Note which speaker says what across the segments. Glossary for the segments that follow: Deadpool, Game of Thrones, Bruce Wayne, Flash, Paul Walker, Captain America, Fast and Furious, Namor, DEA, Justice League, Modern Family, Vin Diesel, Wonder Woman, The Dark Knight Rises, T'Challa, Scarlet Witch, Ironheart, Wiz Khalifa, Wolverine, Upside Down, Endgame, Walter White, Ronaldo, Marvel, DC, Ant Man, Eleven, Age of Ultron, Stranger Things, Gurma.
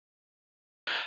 Speaker 1: because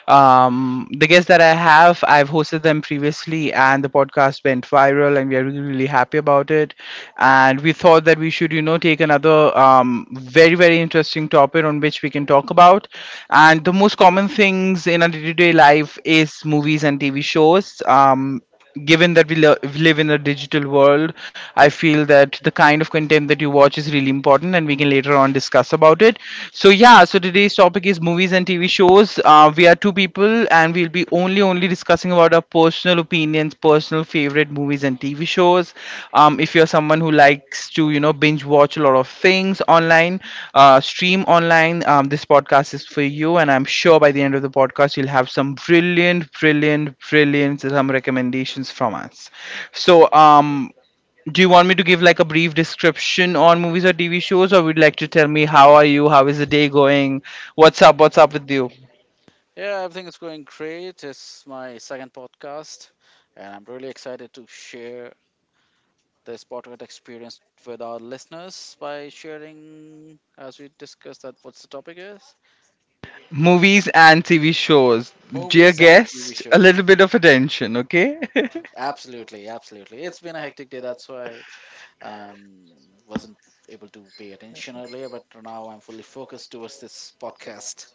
Speaker 1: the guests that I have, I've hosted them previously and the podcast went viral and we are really, really happy about it. And we thought that we should, you know, take another very, very interesting topic on which we can talk about. And the most common things in our day-to-day life is movies and TV shows. Given that we live in a digital world. I feel that the kind of content that you watch is really important and we can later on discuss about it. So yeah, so today's topic is movies and TV shows. We are two people and we'll be only discussing about our personal opinions, personal favorite movies and TV shows. If you're someone who likes to, you know, binge watch a lot of things online, stream online, this podcast is for you. And I'm sure by the end of the podcast, you'll have some brilliant some recommendations from us. So, do you want me to give like a brief description on movies or TV shows, or would you like to tell me how are you, how is the day going, what's up with you?
Speaker 2: Yeah, everything is going great. It's my second podcast, and I'm really excited to share this podcast experience with our listeners by sharing, as we discussed, that what's the topic is
Speaker 1: Movies and TV shows. Dear
Speaker 2: movies and TV
Speaker 1: guest, a
Speaker 2: shows.
Speaker 1: little bit of attention, okay?
Speaker 2: Absolutely, absolutely. It's been a hectic day, that's why um wasn't able to pay attention earlier, but now I'm fully focused towards this podcast.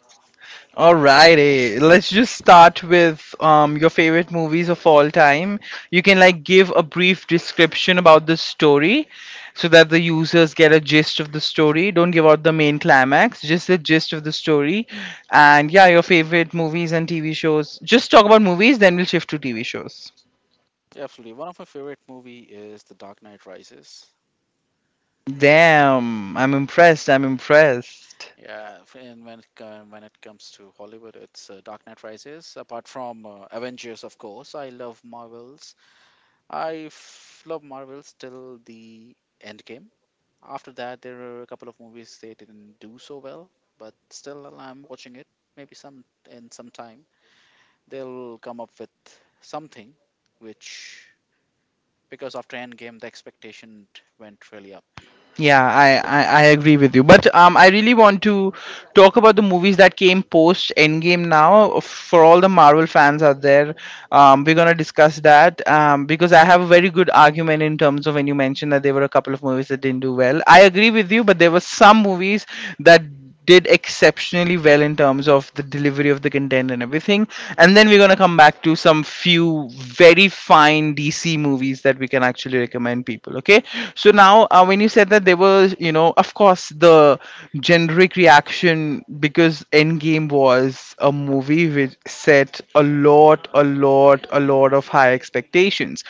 Speaker 1: Alrighty, let's just start with your favorite movies of all time. You can like give a brief description about the story so that the users get a gist of the story. Don't give out the main climax, just the gist of the story. And yeah, your favorite movies and TV shows. Just talk about movies, then we'll shift to TV shows.
Speaker 2: Absolutely. One of my favorite movie is The Dark Knight Rises.
Speaker 1: Damn, I'm impressed. I'm impressed.
Speaker 2: Yeah, And when it comes to Hollywood, it's Dark Knight Rises. Apart from Avengers, of course, I love Marvels. I love Marvels till the end game. After that, there are a couple of movies they didn't do so well, but still, I'm watching it. Maybe some time they'll come up with something, which because after Endgame the expectation went really up.
Speaker 1: Yeah,
Speaker 2: So that's
Speaker 1: I agree with you. But I really want to talk about the movies that came post Endgame now. For all the Marvel fans out there, we're going to discuss that because I have a very good argument in terms of when you mentioned that there were a couple of movies that didn't do well. I agree with you, but there were some movies that did exceptionally well in terms of the delivery of the content and everything. And then we're gonna come back to some few very fine DC movies that we can actually recommend people. Okay. So now, when you said that there was, you know, of course, the generic reaction because Endgame was a movie which set a lot of high expectations.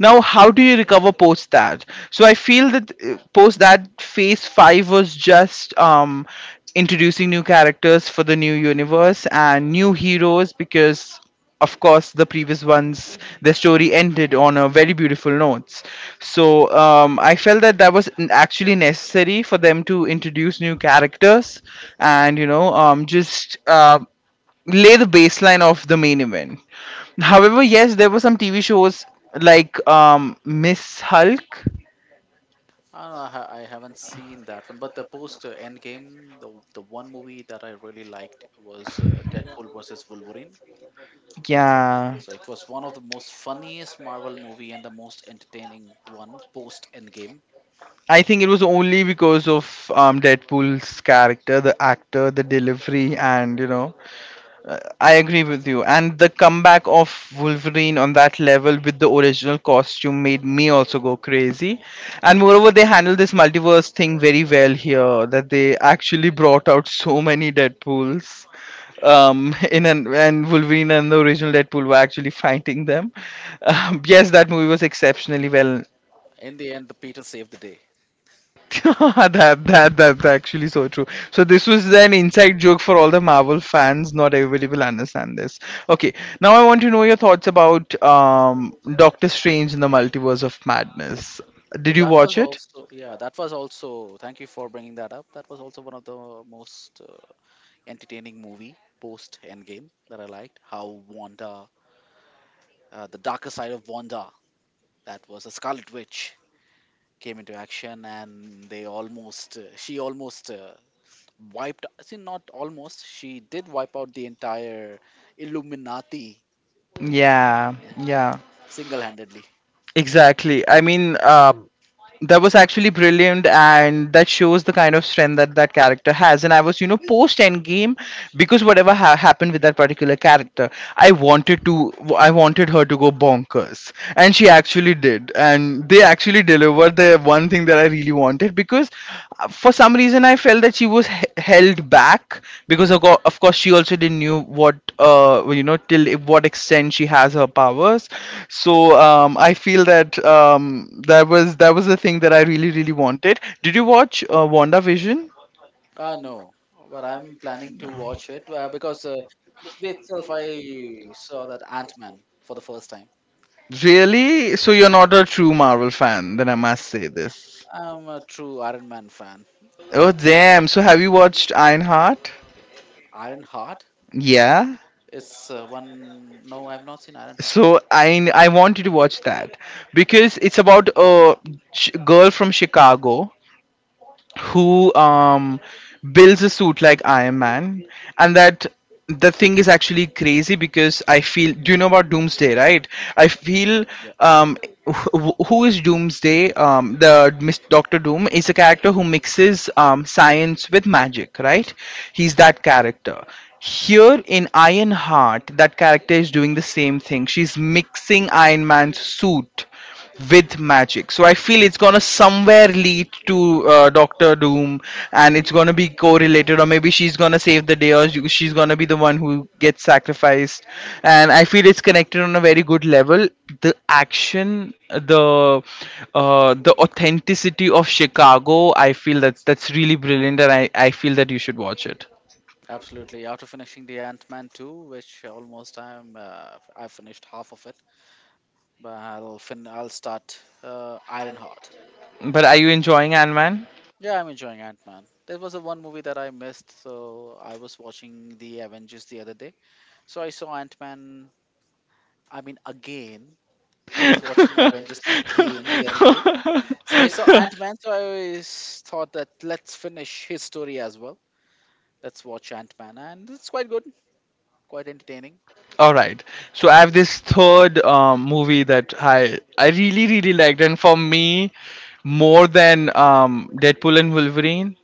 Speaker 1: Now, how do you recover post that? So I feel that post that, phase five was just introducing new characters for the new universe and new heroes because of course the previous ones, the story ended on a very beautiful notes. So I felt that actually necessary for them to introduce new characters and you know, just lay the baseline of the main event. However, yes, there were some TV shows like Miss Hulk.
Speaker 2: I, don't know, I ha- I haven't seen that one, but the post Endgame, the one movie that I really liked was Deadpool versus Wolverine.
Speaker 1: Yeah,
Speaker 2: So it was one of the most funniest Marvel movie and the most entertaining one post Endgame.
Speaker 1: I think it was only because of Deadpool's character, the actor, the delivery, and you know, I agree with you. And the comeback of Wolverine on that level with the original costume made me also go crazy. And moreover, they handled this multiverse thing very well here, that they actually brought out so many Deadpools. In an and Wolverine and the original Deadpool were actually fighting them. Yes, that movie was exceptionally well.
Speaker 2: In the end, the Peter saved the day.
Speaker 1: That's actually so true. So this was an inside joke for all the Marvel fans. Not everybody will understand this. Okay. Now I want to know your thoughts about Doctor Strange in the Multiverse of Madness.
Speaker 2: Yeah,
Speaker 1: Did you
Speaker 2: that was
Speaker 1: watch it?
Speaker 2: also yeah, that was also. Thank you for bringing that up. That was also one of the most entertaining movie post Endgame that I liked. How Wanda, the darker side of Wanda, that was a Scarlet Witch came into action and they almost she almost wiped see not almost she did wipe out the entire illuminati
Speaker 1: Yeah,
Speaker 2: yeah,
Speaker 1: yeah,
Speaker 2: single-handedly
Speaker 1: exactly. I mean, that was actually brilliant and that shows the kind of strength that that character has. And I was, you know, post Endgame, because whatever happened with that particular character, I wanted her to go bonkers and she actually did. And they actually delivered the one thing that I really wanted. Because For some reason I felt that held back because of, of course, she also didn't knew what, well, you know, what extent she has her powers. So I feel that that was the thing that I really really wanted. Did you watch WandaVision?
Speaker 2: no but I'm planning to watch it because just today itself I saw that Ant-Man for the first time.
Speaker 1: Really? So you're not a true Marvel fan, then I must say this.
Speaker 2: I'm a true Iron Man fan.
Speaker 1: Oh damn! So have you watched Ironheart?
Speaker 2: Iron Heart
Speaker 1: Yeah.
Speaker 2: is one no I've not seen Iron Heart.
Speaker 1: So I wanted to watch that because it's about a girl from Chicago who builds a suit like Iron Man, and that, the thing is actually crazy because I feel. Do you know about Doomsday, right? I feel, um who is Doomsday? The Miss Doctor Doom is a character who mixes science with magic, right? He's that character. Here in Ironheart, that character is doing the same thing. She's mixing Iron Man's suit with magic. So I feel it's gonna somewhere lead to Doctor Doom, and it's gonna be correlated, or maybe she's gonna save the day, or she's gonna be the one who gets sacrificed. And I feel it's connected on a very good level. The action, the authenticity of Chicago. I feel that's really brilliant, and I feel that you should watch it.
Speaker 2: Absolutely. After finishing the Ant-Man 2, which almost I finished half of it, but I'll start Ironheart.
Speaker 1: But are you enjoying Ant Man?
Speaker 2: Yeah, I'm enjoying Ant-Man. There was a one movie that I missed, so I was watching the Avengers the other day. So I saw Ant-Man, I mean again. I was watching Avengers again the other day. So I saw Ant-Man, so thought that let's finish his story as well. Let's watch Ant-Man and it's quite good, quite entertaining.
Speaker 1: All right. So I have this third movie that I really really liked, and for me, more than Deadpool and Wolverine,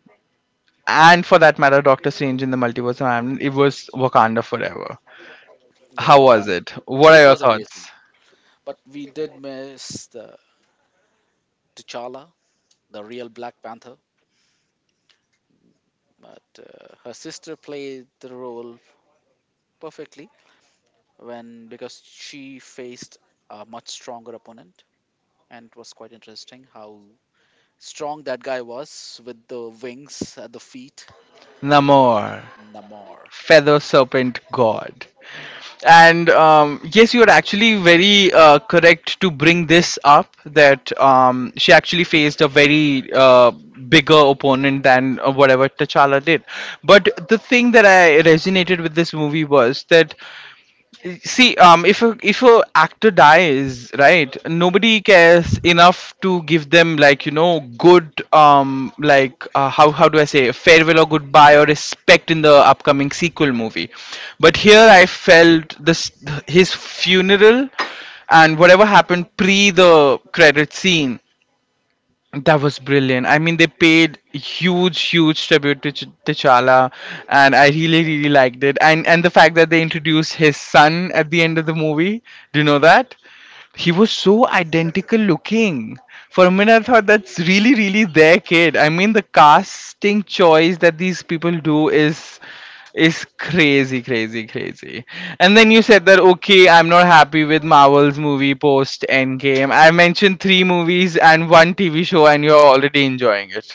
Speaker 1: and for that matter, Doctor Strange in the Multiverse of Madness, it was Wakanda Forever.
Speaker 2: Yeah,
Speaker 1: How was
Speaker 2: Wakanda.
Speaker 1: it? What are
Speaker 2: It
Speaker 1: your
Speaker 2: was amazing.
Speaker 1: thoughts?
Speaker 2: But we did miss the T'Challa, the real Black Panther. But her sister played the role perfectly when because she faced a much stronger opponent, and it was quite interesting how strong that guy was with the wings at the feet.
Speaker 1: Namor,
Speaker 2: Namor.
Speaker 1: feather serpent god.
Speaker 2: Yeah.
Speaker 1: And yes, you are actually very correct to bring this up that she actually faced a very bigger opponent than whatever T'Challa did. But the thing that I resonated with this movie was that, see, if a actor dies, right, nobody cares enough to give them like, you know, good, how do I say farewell or goodbye or respect in the upcoming sequel movie, but here I felt this, his funeral and whatever happened pre the credit scene, that was brilliant. I mean, they paid huge, huge tribute to T'Challa, and I really, really liked it. And the fact that they introduced his son at the end of the movie. Do you know that? He was so identical looking. For a minute, I thought that's really, really their kid. I mean, the casting choice that these people do is crazy, crazy, crazy. And then you said that okay, I'm not happy with Marvel's movie post Endgame. I mentioned three movies and one TV show, and you're already enjoying it.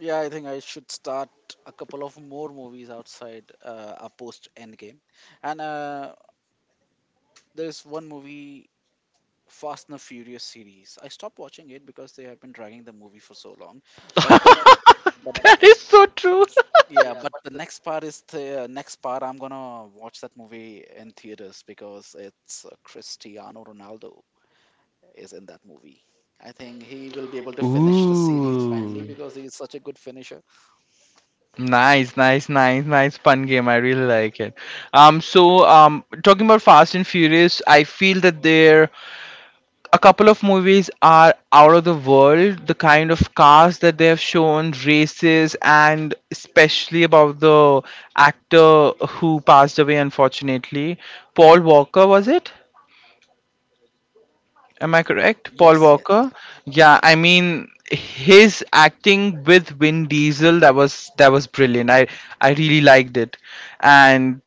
Speaker 2: Yeah, I think I should start a couple of more movies outside a post Endgame. And there's one movie Fast and the Furious series. I stopped watching it because they have been dragging the movie for so long. But the but
Speaker 1: That is so true.
Speaker 2: yeah, but the next part is the next part. I'm gonna watch that movie in theaters because it's Cristiano Ronaldo is in that movie. I think he will be able to finish the series finally
Speaker 1: Ooh.
Speaker 2: because he is such a good finisher.
Speaker 1: Nice, nice, nice, nice. Fun game. I really like it. Talking about Fast and Furious, I feel that there, a couple of movies are out of the world. The kind of cars that they have shown, races, and especially about the actor who passed away unfortunately, Paul Walker, was it? Am I correct? Paul
Speaker 2: Yes, yes,
Speaker 1: Walker. Yeah, I mean his acting with Vin Diesel, that was brilliant. I really liked it, and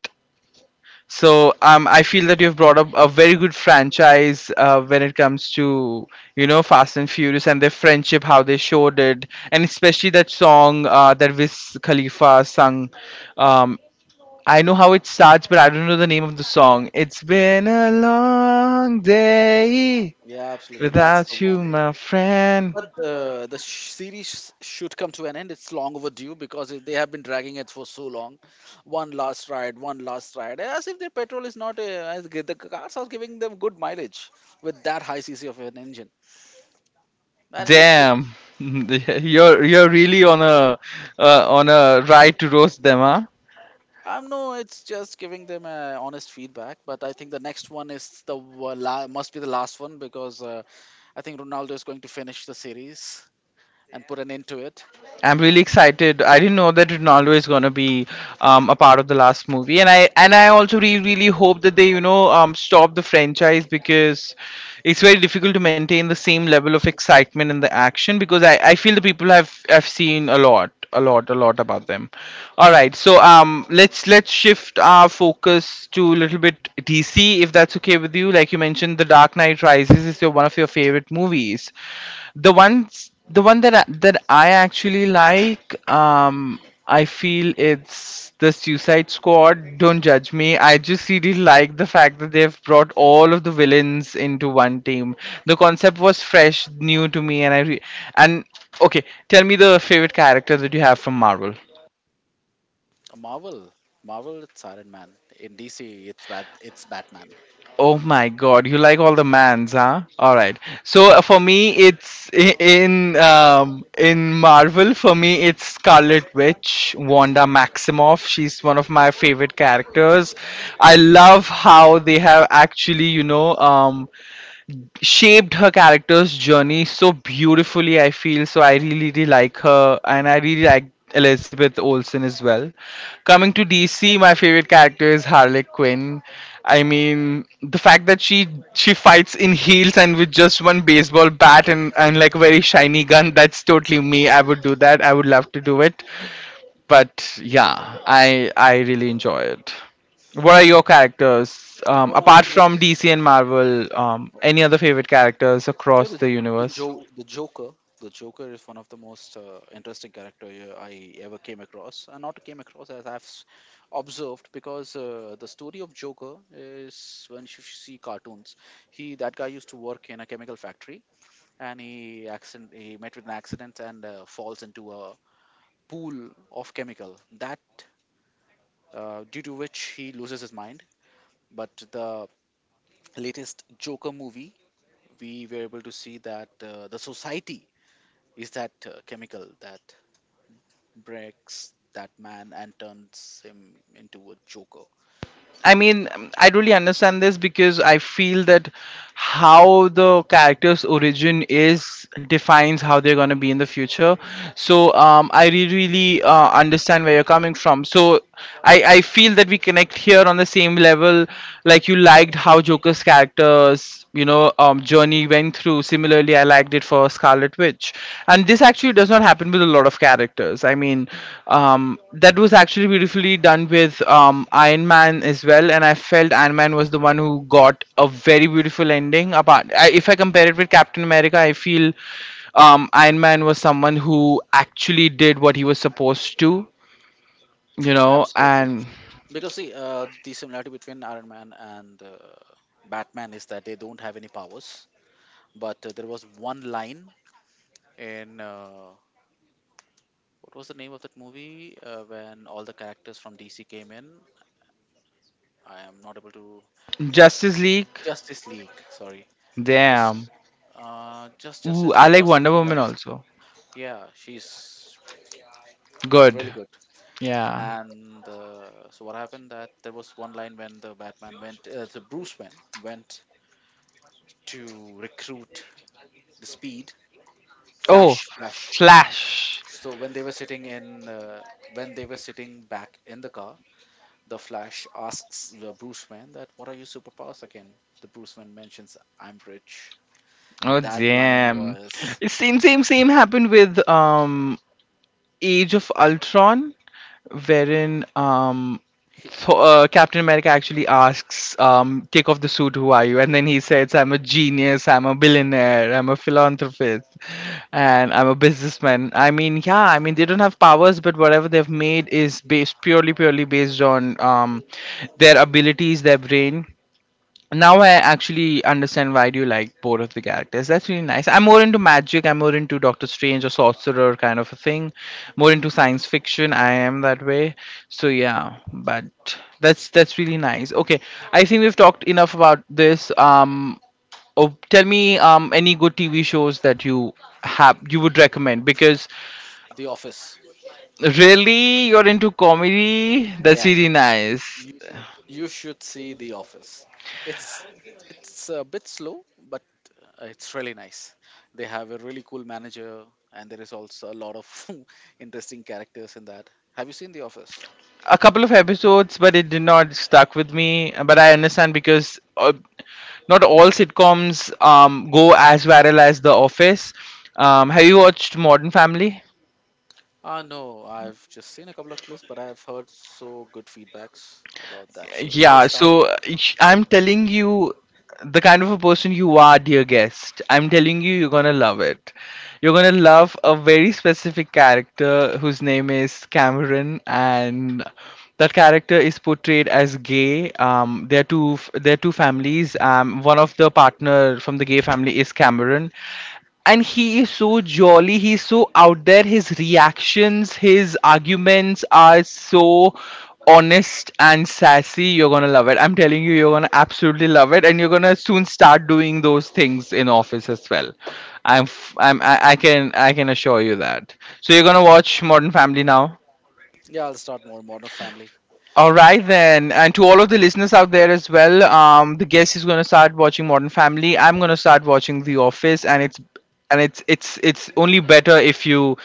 Speaker 1: so I feel that you've brought up a very good franchise when it comes to, you know, Fast and Furious and their friendship, how they showed it, and especially that song that Wiz Khalifa sung. Um, I know how it starts, but I don't know the name of the song. It's been a long day.
Speaker 2: yeah, absolutely. That's the
Speaker 1: Without you,
Speaker 2: one.
Speaker 1: my friend.
Speaker 2: But the series should come to an end. It's long overdue because if they have been dragging it for so long. One last ride, one last ride. As if their petrol is not as good. The cars are giving them good mileage with that high CC of an engine. And they should.
Speaker 1: Damn, you're really on a ride to roast them, huh?
Speaker 2: I know it's just giving them honest feedback, but I think the next one is must be the last one because I think Ronaldo is going to finish the series and put an end to it.
Speaker 1: I'm really excited. I didn't know that Ronaldo is gonna be a part of the last movie, and I also really really hope that they, you know, stop the franchise because it's very difficult to maintain the same level of excitement and the action because I feel the people have seen a lot about them. All right, so let's shift our focus to a little bit DC if that's okay with you. Like you mentioned, The Dark Knight Rises is your one of your favorite movies. The one that that I actually like, I feel it's the Suicide Squad. Don't judge me. I just really like the fact that they've brought all of the villains into one team. The concept was fresh, new to me, and and okay, tell me the favorite character that you have from Marvel.
Speaker 2: Marvel, Marvel, it's Iron Man. In DC, it's Batman.
Speaker 1: Oh my God, you like all the mans, huh? All right. So for me, it's in Marvel. For me, it's Scarlet Witch, Wanda Maximoff. She's one of my favorite characters. I love how they have actually, shaped her character's journey so beautifully. I feel so I really, really like her, and I really like Elizabeth Olsen as well. Coming to DC, my favorite character is Harley Quinn. I mean, the fact that she fights in heels and with just one baseball bat, and like a very shiny gun. That's totally me. I would do that, I would love to do it. But yeah, I really enjoy it. What are your characters,
Speaker 2: One of the
Speaker 1: apart
Speaker 2: most
Speaker 1: from DC and Marvel? Any other favorite characters
Speaker 2: you know,
Speaker 1: across
Speaker 2: the
Speaker 1: the universe?
Speaker 2: the Joker. The Joker is one of the most interesting character I ever came across, and not came across as I've observed because the story of Joker is when you see cartoons, he that guy used to work in a chemical factory, and he met with an accident and falls into a pool of chemical that due to which he loses his mind. But the latest Joker movie, we were able to see that the society is that chemical that breaks that man and turns him into a joker
Speaker 1: I mean, I really understand this, because I feel that how the character's origin is defines how they're going to be in the future. So I really, really understand where you're coming from. So I feel that we connect here on the same level. Like, you liked how Joker's characters, journey went through. Similarly, particularly I liked it for Scarlet Witch, and this actually does not happen with a lot of characters. I mean, that was actually beautifully done with Iron Man as well, and I felt Iron Man was the one who got a very beautiful ending. Apart, if I compare it with Captain America, I feel Iron Man was someone who actually did what he was supposed to,
Speaker 2: absolutely
Speaker 1: and
Speaker 2: because see the similarity between Iron Man and Batman is that they don't have any powers but there was one line in what was the name of that movie when all the characters from DC came in. I am not able to.
Speaker 1: Justice League.
Speaker 2: Justice League, sorry. It's
Speaker 1: Damn. Ooh,
Speaker 2: Justice
Speaker 1: I
Speaker 2: League
Speaker 1: like
Speaker 2: or
Speaker 1: Wonder
Speaker 2: something
Speaker 1: Woman
Speaker 2: else.
Speaker 1: also.
Speaker 2: Yeah, she's
Speaker 1: Good.
Speaker 2: really good.
Speaker 1: Yeah.
Speaker 2: And so what happened that there was one line when the Bruce Wayne went to recruit the Speed
Speaker 1: Oh,
Speaker 2: Flash. Flash.
Speaker 1: Flash.
Speaker 2: So when they were when they were sitting back in the car, the Flash asks the Bruce Wayne that, "What are your superpowers again?" The Bruce Wayne mentions, "I'm rich." So
Speaker 1: Oh
Speaker 2: that line
Speaker 1: damn.
Speaker 2: was
Speaker 1: Same same same happened with Age of Ultron, wherein
Speaker 2: he, uh,
Speaker 1: Captain America actually asks, take off the suit, who are you? And then he says, I'm a genius, I'm a billionaire, I'm a philanthropist, and I'm a businessman. I mean, yeah, I mean they don't have powers, but whatever they've made is based purely based on their abilities, their brain. Now I actually understand why do you like both of the characters. That's really nice. I'm more into magic. I'm more into Doctor Strange or sorcerer kind of a thing. More into science fiction. I am that way. So yeah, but that's really nice. Okay, I think we've talked enough about this. Oh, tell me any good TV shows that you have you would recommend, because
Speaker 2: The Office.
Speaker 1: really, you're into comedy. That's
Speaker 2: Yeah,
Speaker 1: really nice.
Speaker 2: you should see The Office. It's it's a bit slow, but it's really nice. They have a really cool manager, and there is also a lot of interesting characters in that. Have you seen The Office?
Speaker 1: A couple of episodes, but it did not stuck with me. But I understand, because not all sitcoms go as viral as The Office. Have you watched Modern Family?
Speaker 2: Ah, no, I've just seen a couple of clips, but I've heard so good feedbacks about that show. I'll
Speaker 1: Yeah,
Speaker 2: start.
Speaker 1: so I'm telling you, the kind of a person you are, dear guest, I'm telling you, you're gonna love it. You're gonna love a very specific character whose name is Cameron, and that character is portrayed as gay. There are there are two families. One of the partner from the gay family is Cameron, and he is so jolly, he's so out there, his reactions, his arguments are so honest and sassy. You're gonna love it, I'm telling you, you're gonna absolutely love it, and you're gonna soon start doing those things in office as well. I'm f- i'm i, I can i can assure you that. So you're gonna watch Modern Family now.
Speaker 2: Yeah, I'll start more Modern Family.
Speaker 1: All right then, and to all of the listeners out there as well, the guest is gonna start watching Modern Family. I'm gonna start watching The Office, and it's only better if you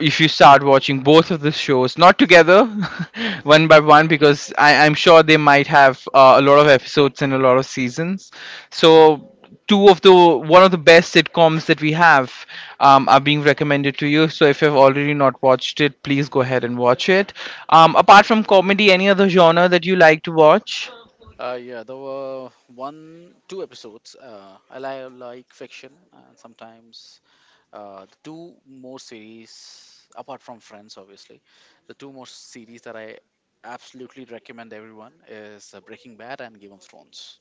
Speaker 1: if you start watching both of the shows, not together, one by one, because I'm sure they might have a lot of episodes and a lot of seasons. So two of the one of the best sitcoms that we have are being recommended to you. So if you've already not watched it, please go ahead and watch it. Apart from comedy, any other genre that you like to watch?
Speaker 2: Yeah, there were one, two episodes. I like fiction, and sometimes the two more series, apart from Friends, obviously, the two more series that I absolutely recommend everyone is Breaking Bad and Game of Thrones.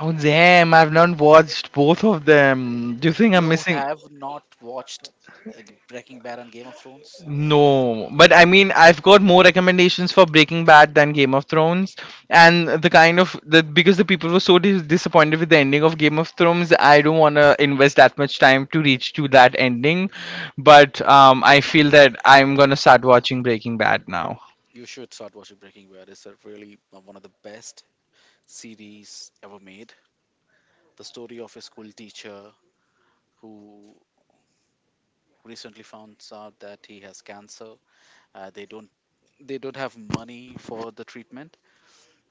Speaker 1: Oh damn! I've not watched both of them. Do you think I'm
Speaker 2: You
Speaker 1: missing?
Speaker 2: have not watched uh, Breaking Bad and Game of Thrones?
Speaker 1: No, but I mean, I've got more recommendations for Breaking Bad than Game of Thrones, and the kind of the because the people were so disappointed with the ending of Game of Thrones, I don't want to invest that much time to reach to that ending. But I feel that I'm gonna start watching Breaking Bad now.
Speaker 2: You should start watching Breaking Bad. It's a really one of the best series ever made. The story of a school teacher who recently found out that he has cancer. Uh, they don't they don't have money for the treatment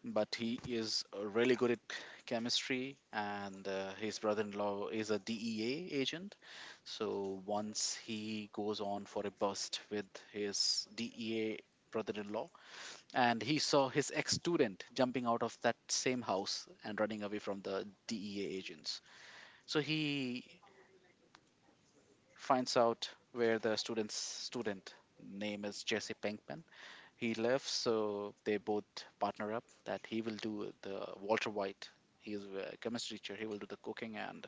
Speaker 2: but he is really good at chemistry and his brother-in-law is a DEA agent. So once he goes on for a bust with his DEA brother-in-law and he saw his ex-student jumping out of that same house and running away from the DEA agents, so he finds out where the student's student name is Jesse Pinkman he left, so they both partner up that he will do the Walter White. He is a chemistry teacher. He will do the cooking, and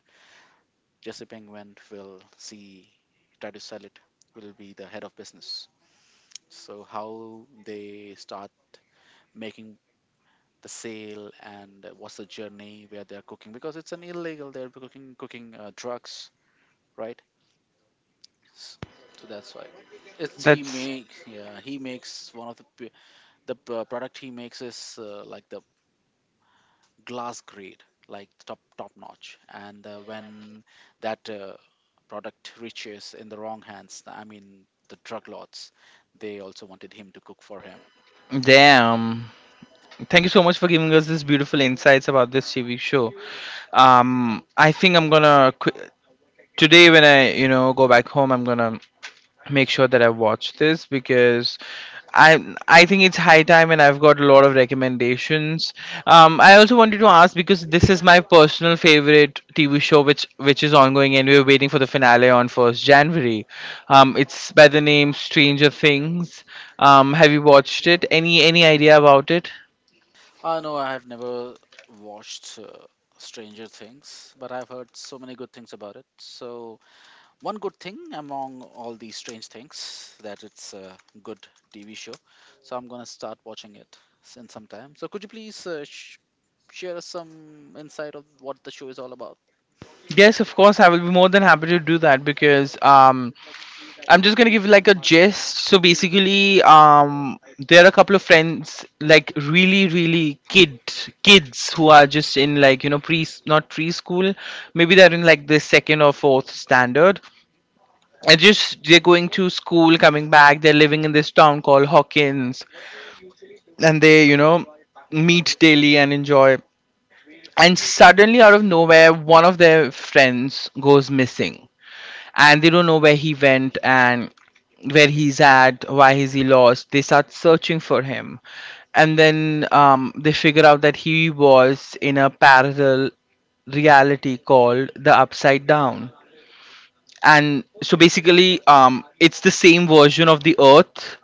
Speaker 2: Jesse Pinkman will see try to sell it. Will be the head of business. So how they start making the sale and what's the journey where they're cooking because it's an illegal. They're cooking drugs, right? S- So that's why it's he
Speaker 1: That's
Speaker 2: make yeah he makes one of the product he makes is like the glass grade, like top notch. And when that product reaches in the wrong hands, I mean the drug lords, they also wanted him to cook for him.
Speaker 1: damn. Thank you so much for giving us this beautiful insights about this TV show. I think today when I, you know, go back home, I'm gonna make sure that I watch this, because i I think it's high time, and I've got a lot of recommendations. I also wanted to ask, because this is my personal favorite TV show, which is ongoing, and we're waiting for the finale on 1st January. It's by the name Stranger Things. Have you watched it? Any idea about it?
Speaker 2: No, I have never watched Stranger Things, but I've heard so many good things about it. So one good thing among all these strange things that it's a good TV show. So I'm gonna start watching it in some time. So could you please share us some insight of what the show is all about?
Speaker 1: Yes, of course, I will be more than happy to do that, because I'm just gonna give like a gist. So basically, there are a couple of friends, like really, really kids who are just in, like, you know, pre not preschool, maybe they're in like the second or fourth standard, and just they're going to school, coming back, they're living in this town called Hawkins, and they, you know, meet daily and enjoy. And suddenly, out of nowhere, one of their friends goes missing, and they don't know where he went, and where he's at, why is he lost. They start searching for him, and then they figure out that he was in a parallel reality called the Upside Down. And so basically, it's the same version of the Earth,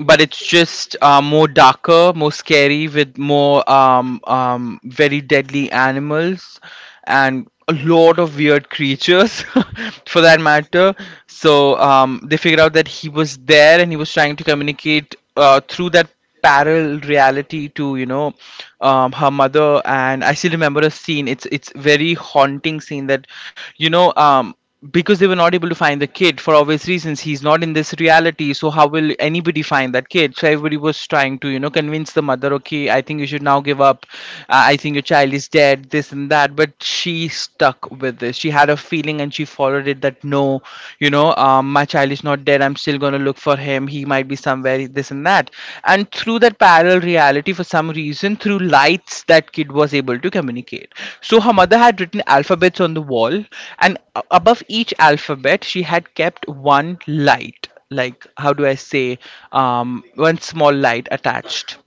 Speaker 1: but it's just more darker, more scary, with more very deadly animals and a lot of weird creatures, for that matter. So they figured out that he was there, and he was trying to communicate through that parallel reality to, you know, her mother. And I still remember a scene. It's very haunting scene that, you know, because they were not able to find the kid for obvious reasons. He's not in this reality, so how will anybody find that kid? So everybody was trying to, you know, convince the mother, okay, I think you should now give up. I think your child is dead, this and that, but she stuck with this. She had a feeling thing, and she followed it, that no, you know, my child is not dead, I'm still going to look for him, he might be somewhere, this and that. And through that parallel reality, for some reason, through lights, that kid was able to communicate. So her mother had written alphabets on the wall, and above each alphabet she had kept one light. Like, how do I say, um, one small light attached.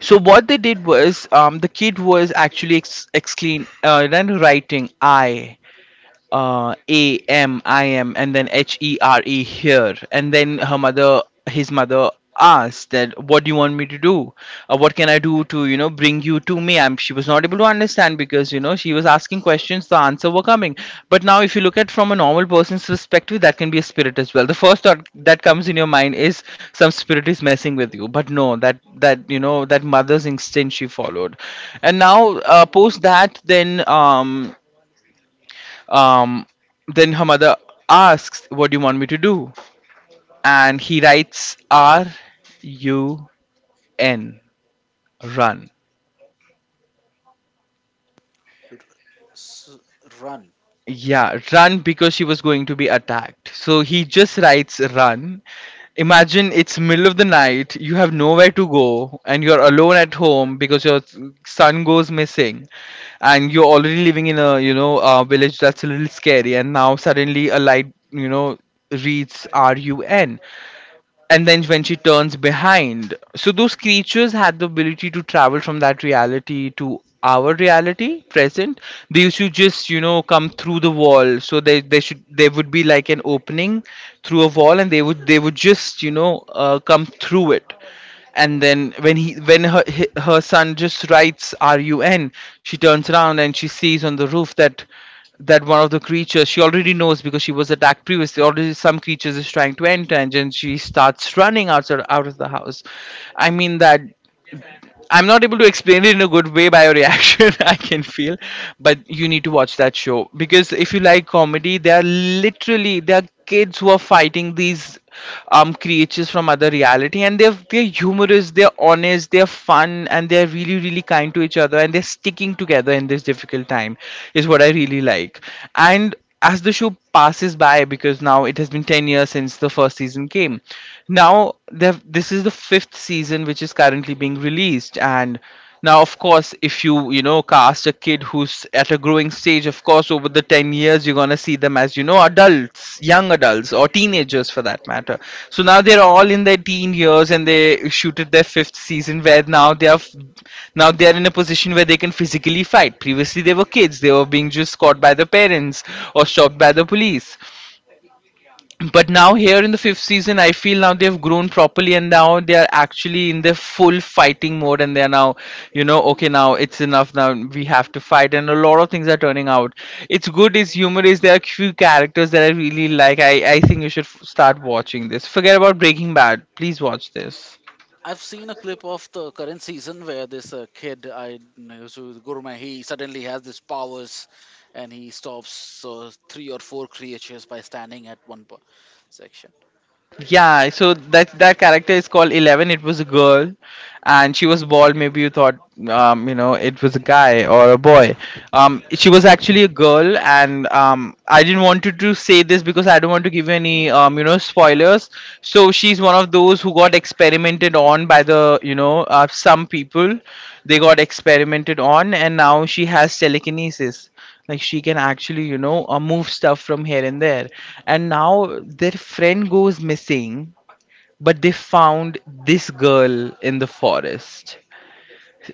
Speaker 1: So what they did was, the kid was actually exclaim then writing, I AMIM, and then H E R E, here. And then her mother, his mother asked that, "What do you want me to do? What can I do to, you know, bring you to me?" She was not able to understand, because, you know, she was asking questions, the answer were coming. But now, if you look at from a normal person's perspective, that can be a spirit as well. The first thought that comes in your mind is some spirit is messing with you, but no, that, you know, that mother's instinct she followed. And now post that, um, then her mother asks, what do you want me to do? And he writes RUN, run.
Speaker 2: s- Run.
Speaker 1: Yeah, run, because she was going to be attacked. So he just writes run. Imagine it's middle of the night, you have nowhere to go, and you're alone at home because your son goes missing, and you're already living in a a village that's a little scary, and now suddenly a light reads RUN. And then when she turns behind, so those creatures had the ability to travel from that reality to our reality present. They used to just come through the wall, so they should there would be like an opening through a wall, and they would just come through it. And then when he when her he- her son just writes run, she turns around and she sees on the roof that one of the creatures, she already knows because she was attacked previously already, some creatures is trying to enter, and then she starts running outside out of the house. I mean that I'm not able to explain it in a good way. By your reaction, I can feel. But you need to watch that show because if you like comedy, they are kids who are fighting these creatures from other reality, and they're humorous, they're honest, they're fun, and they're really kind to each other, and they're sticking together in this difficult time is what I really like. And as the show passes by, because now it has been 10 years since the first season came, now this is the fifth season which is currently being released. And now of course, if you you know cast a kid who's at a growing stage, of course over the 10 years you're going to see them as you know, adults, young adults, or teenagers for that matter. So now they're all in their teen years, and they shooted their fifth season where now they are in a position where they can physically fight. Previously they were kids, they were being just caught by the parents or stopped by the police. But now here in the fifth season, I feel now they've grown properly and now they are actually in their full fighting mode, and they are now, you know, okay, now it's enough, now we have to fight, and a lot of things are turning out. It's good, it's humorous, there are few characters that I really like. I think you should start watching this. Forget about Breaking Bad, please watch this.
Speaker 2: I've seen a clip of the current season where this kid, I know, so Gurma, he suddenly has these powers, and he stops 3 or 4 creatures by standing at one section.
Speaker 1: Yeah, so that character is called Eleven. It was a girl, and she was bald. Maybe you thought, you know, it was a guy or a boy. She was actually a girl, and I didn't want to say this because I don't want to give any, spoilers. So she's one of those who got experimented on by the some people. They got experimented on, and now she has telekinesis, like she can actually move stuff from here and there. And now their friend goes missing, but they found this girl in the forest.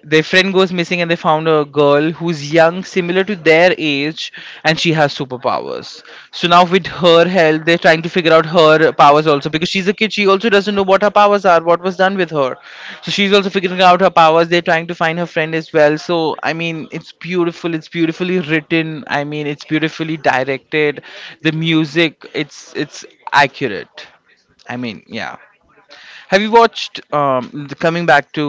Speaker 1: Their friend goes missing and they found a girl who's young, similar to their age, and she has superpowers. So now with her help, they're trying to figure out her powers also because she's a kid, she also doesn't know what her powers are, what was done with her. So she's also figuring out her powers, they're trying to find her friend as well. So I mean, it's beautiful, it's beautifully written, I mean, it's beautifully directed. The music, it's accurate. I mean, yeah. Have you watched the, coming back to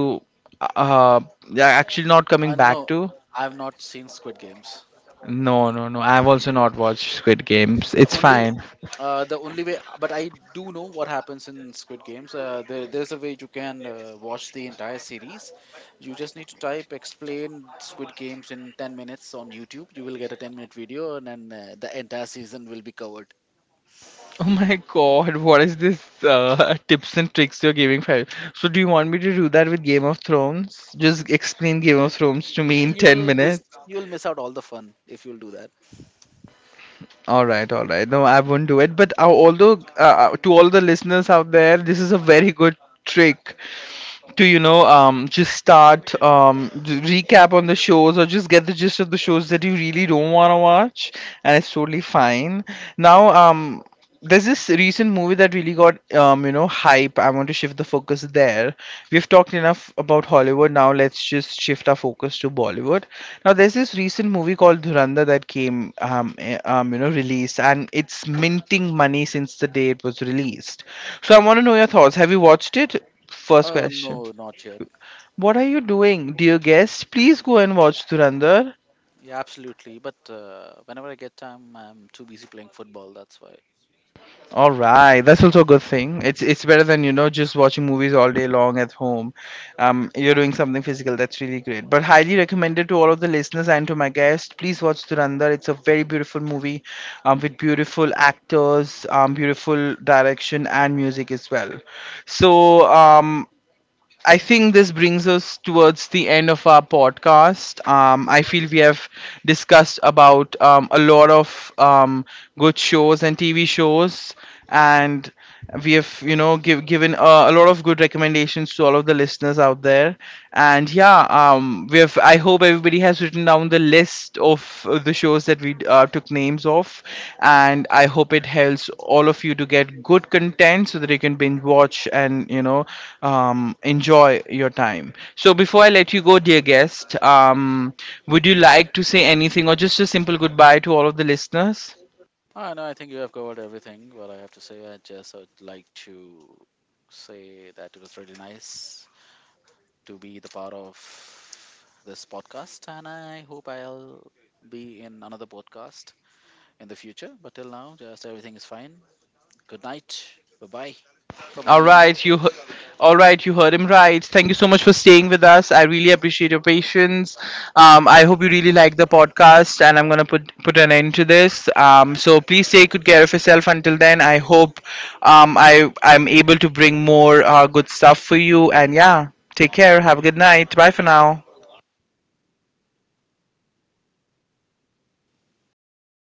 Speaker 1: uh yeah, actually not coming back
Speaker 2: No,
Speaker 1: to.
Speaker 2: I've not seen Squid Games.
Speaker 1: No no no, I've also not watched Squid Games.
Speaker 2: the
Speaker 1: It's
Speaker 2: only
Speaker 1: fine.
Speaker 2: the only way but I do know what happens in Squid Games. There's a way you can watch the entire series. You just need to type explain Squid Games in 10 minutes on YouTube. You will get a 10-minute video and then the entire season will be covered.
Speaker 1: Oh my god, what is this tips and tricks you're giving for. So do you want me to do that with Game of Thrones? Just explain Game of Thrones to me
Speaker 2: Uh,
Speaker 1: in 10
Speaker 2: you'll miss
Speaker 1: minutes.
Speaker 2: you'll miss out all the fun if you'll do that.
Speaker 1: All right, all right. No, I won't do it. But although, to all the listeners out there, this is a very good trick to just start recap on the shows or just get the gist of the shows that you really don't want to watch, and it's totally fine. Now there's this recent movie that really got hype. I want to shift the focus there. We've talked enough about Hollywood, now let's just shift our focus to Bollywood. Now there's this recent movie called Dhurandhar that came released, and it's minting money since the day it was released. So I want to know your thoughts, have you watched it? First
Speaker 2: Oh
Speaker 1: question.
Speaker 2: no, not yet.
Speaker 1: What are you doing, dear guest? Please go and watch Durandar.
Speaker 2: Yeah, absolutely, but whenever I get time I'm too busy playing football, that's why.
Speaker 1: All right, that's also a good thing. It's better than just watching movies all day long at home. You're doing something physical. That's really great. But highly recommended to all of the listeners and to my guests. Please watch Durandar. It's a very beautiful movie, with beautiful actors, beautiful direction and music as well. So I think this brings us towards the end of our podcast. I feel we have discussed about a lot of good shows and TV shows, and we have, you know, given a lot of good recommendations to all of the listeners out there. And yeah, we have. I hope everybody has written down the list of the shows that we took names of, and I hope it helps all of you to get good content so that you can binge watch and enjoy your time. So before I let you go, dear guest, would you like to say anything or just a simple goodbye to all of the listeners?
Speaker 2: Ah, no, I think you have covered everything. What I have to say, I just would like to say that it was really nice to be the part of this podcast, and I hope I'll be in another podcast in the future. But till now, just everything is fine. Good night. Bye bye. From my
Speaker 1: All
Speaker 2: end.
Speaker 1: right, you. he- All right, you heard him right. Thank you so much for staying with us. I really appreciate your patience. I hope you really like the podcast, and I'm gonna put an end to this. So please take good care of yourself. Until then, I hope I'm able to bring more good stuff for you. And yeah, take care. Have a good night. Bye for now.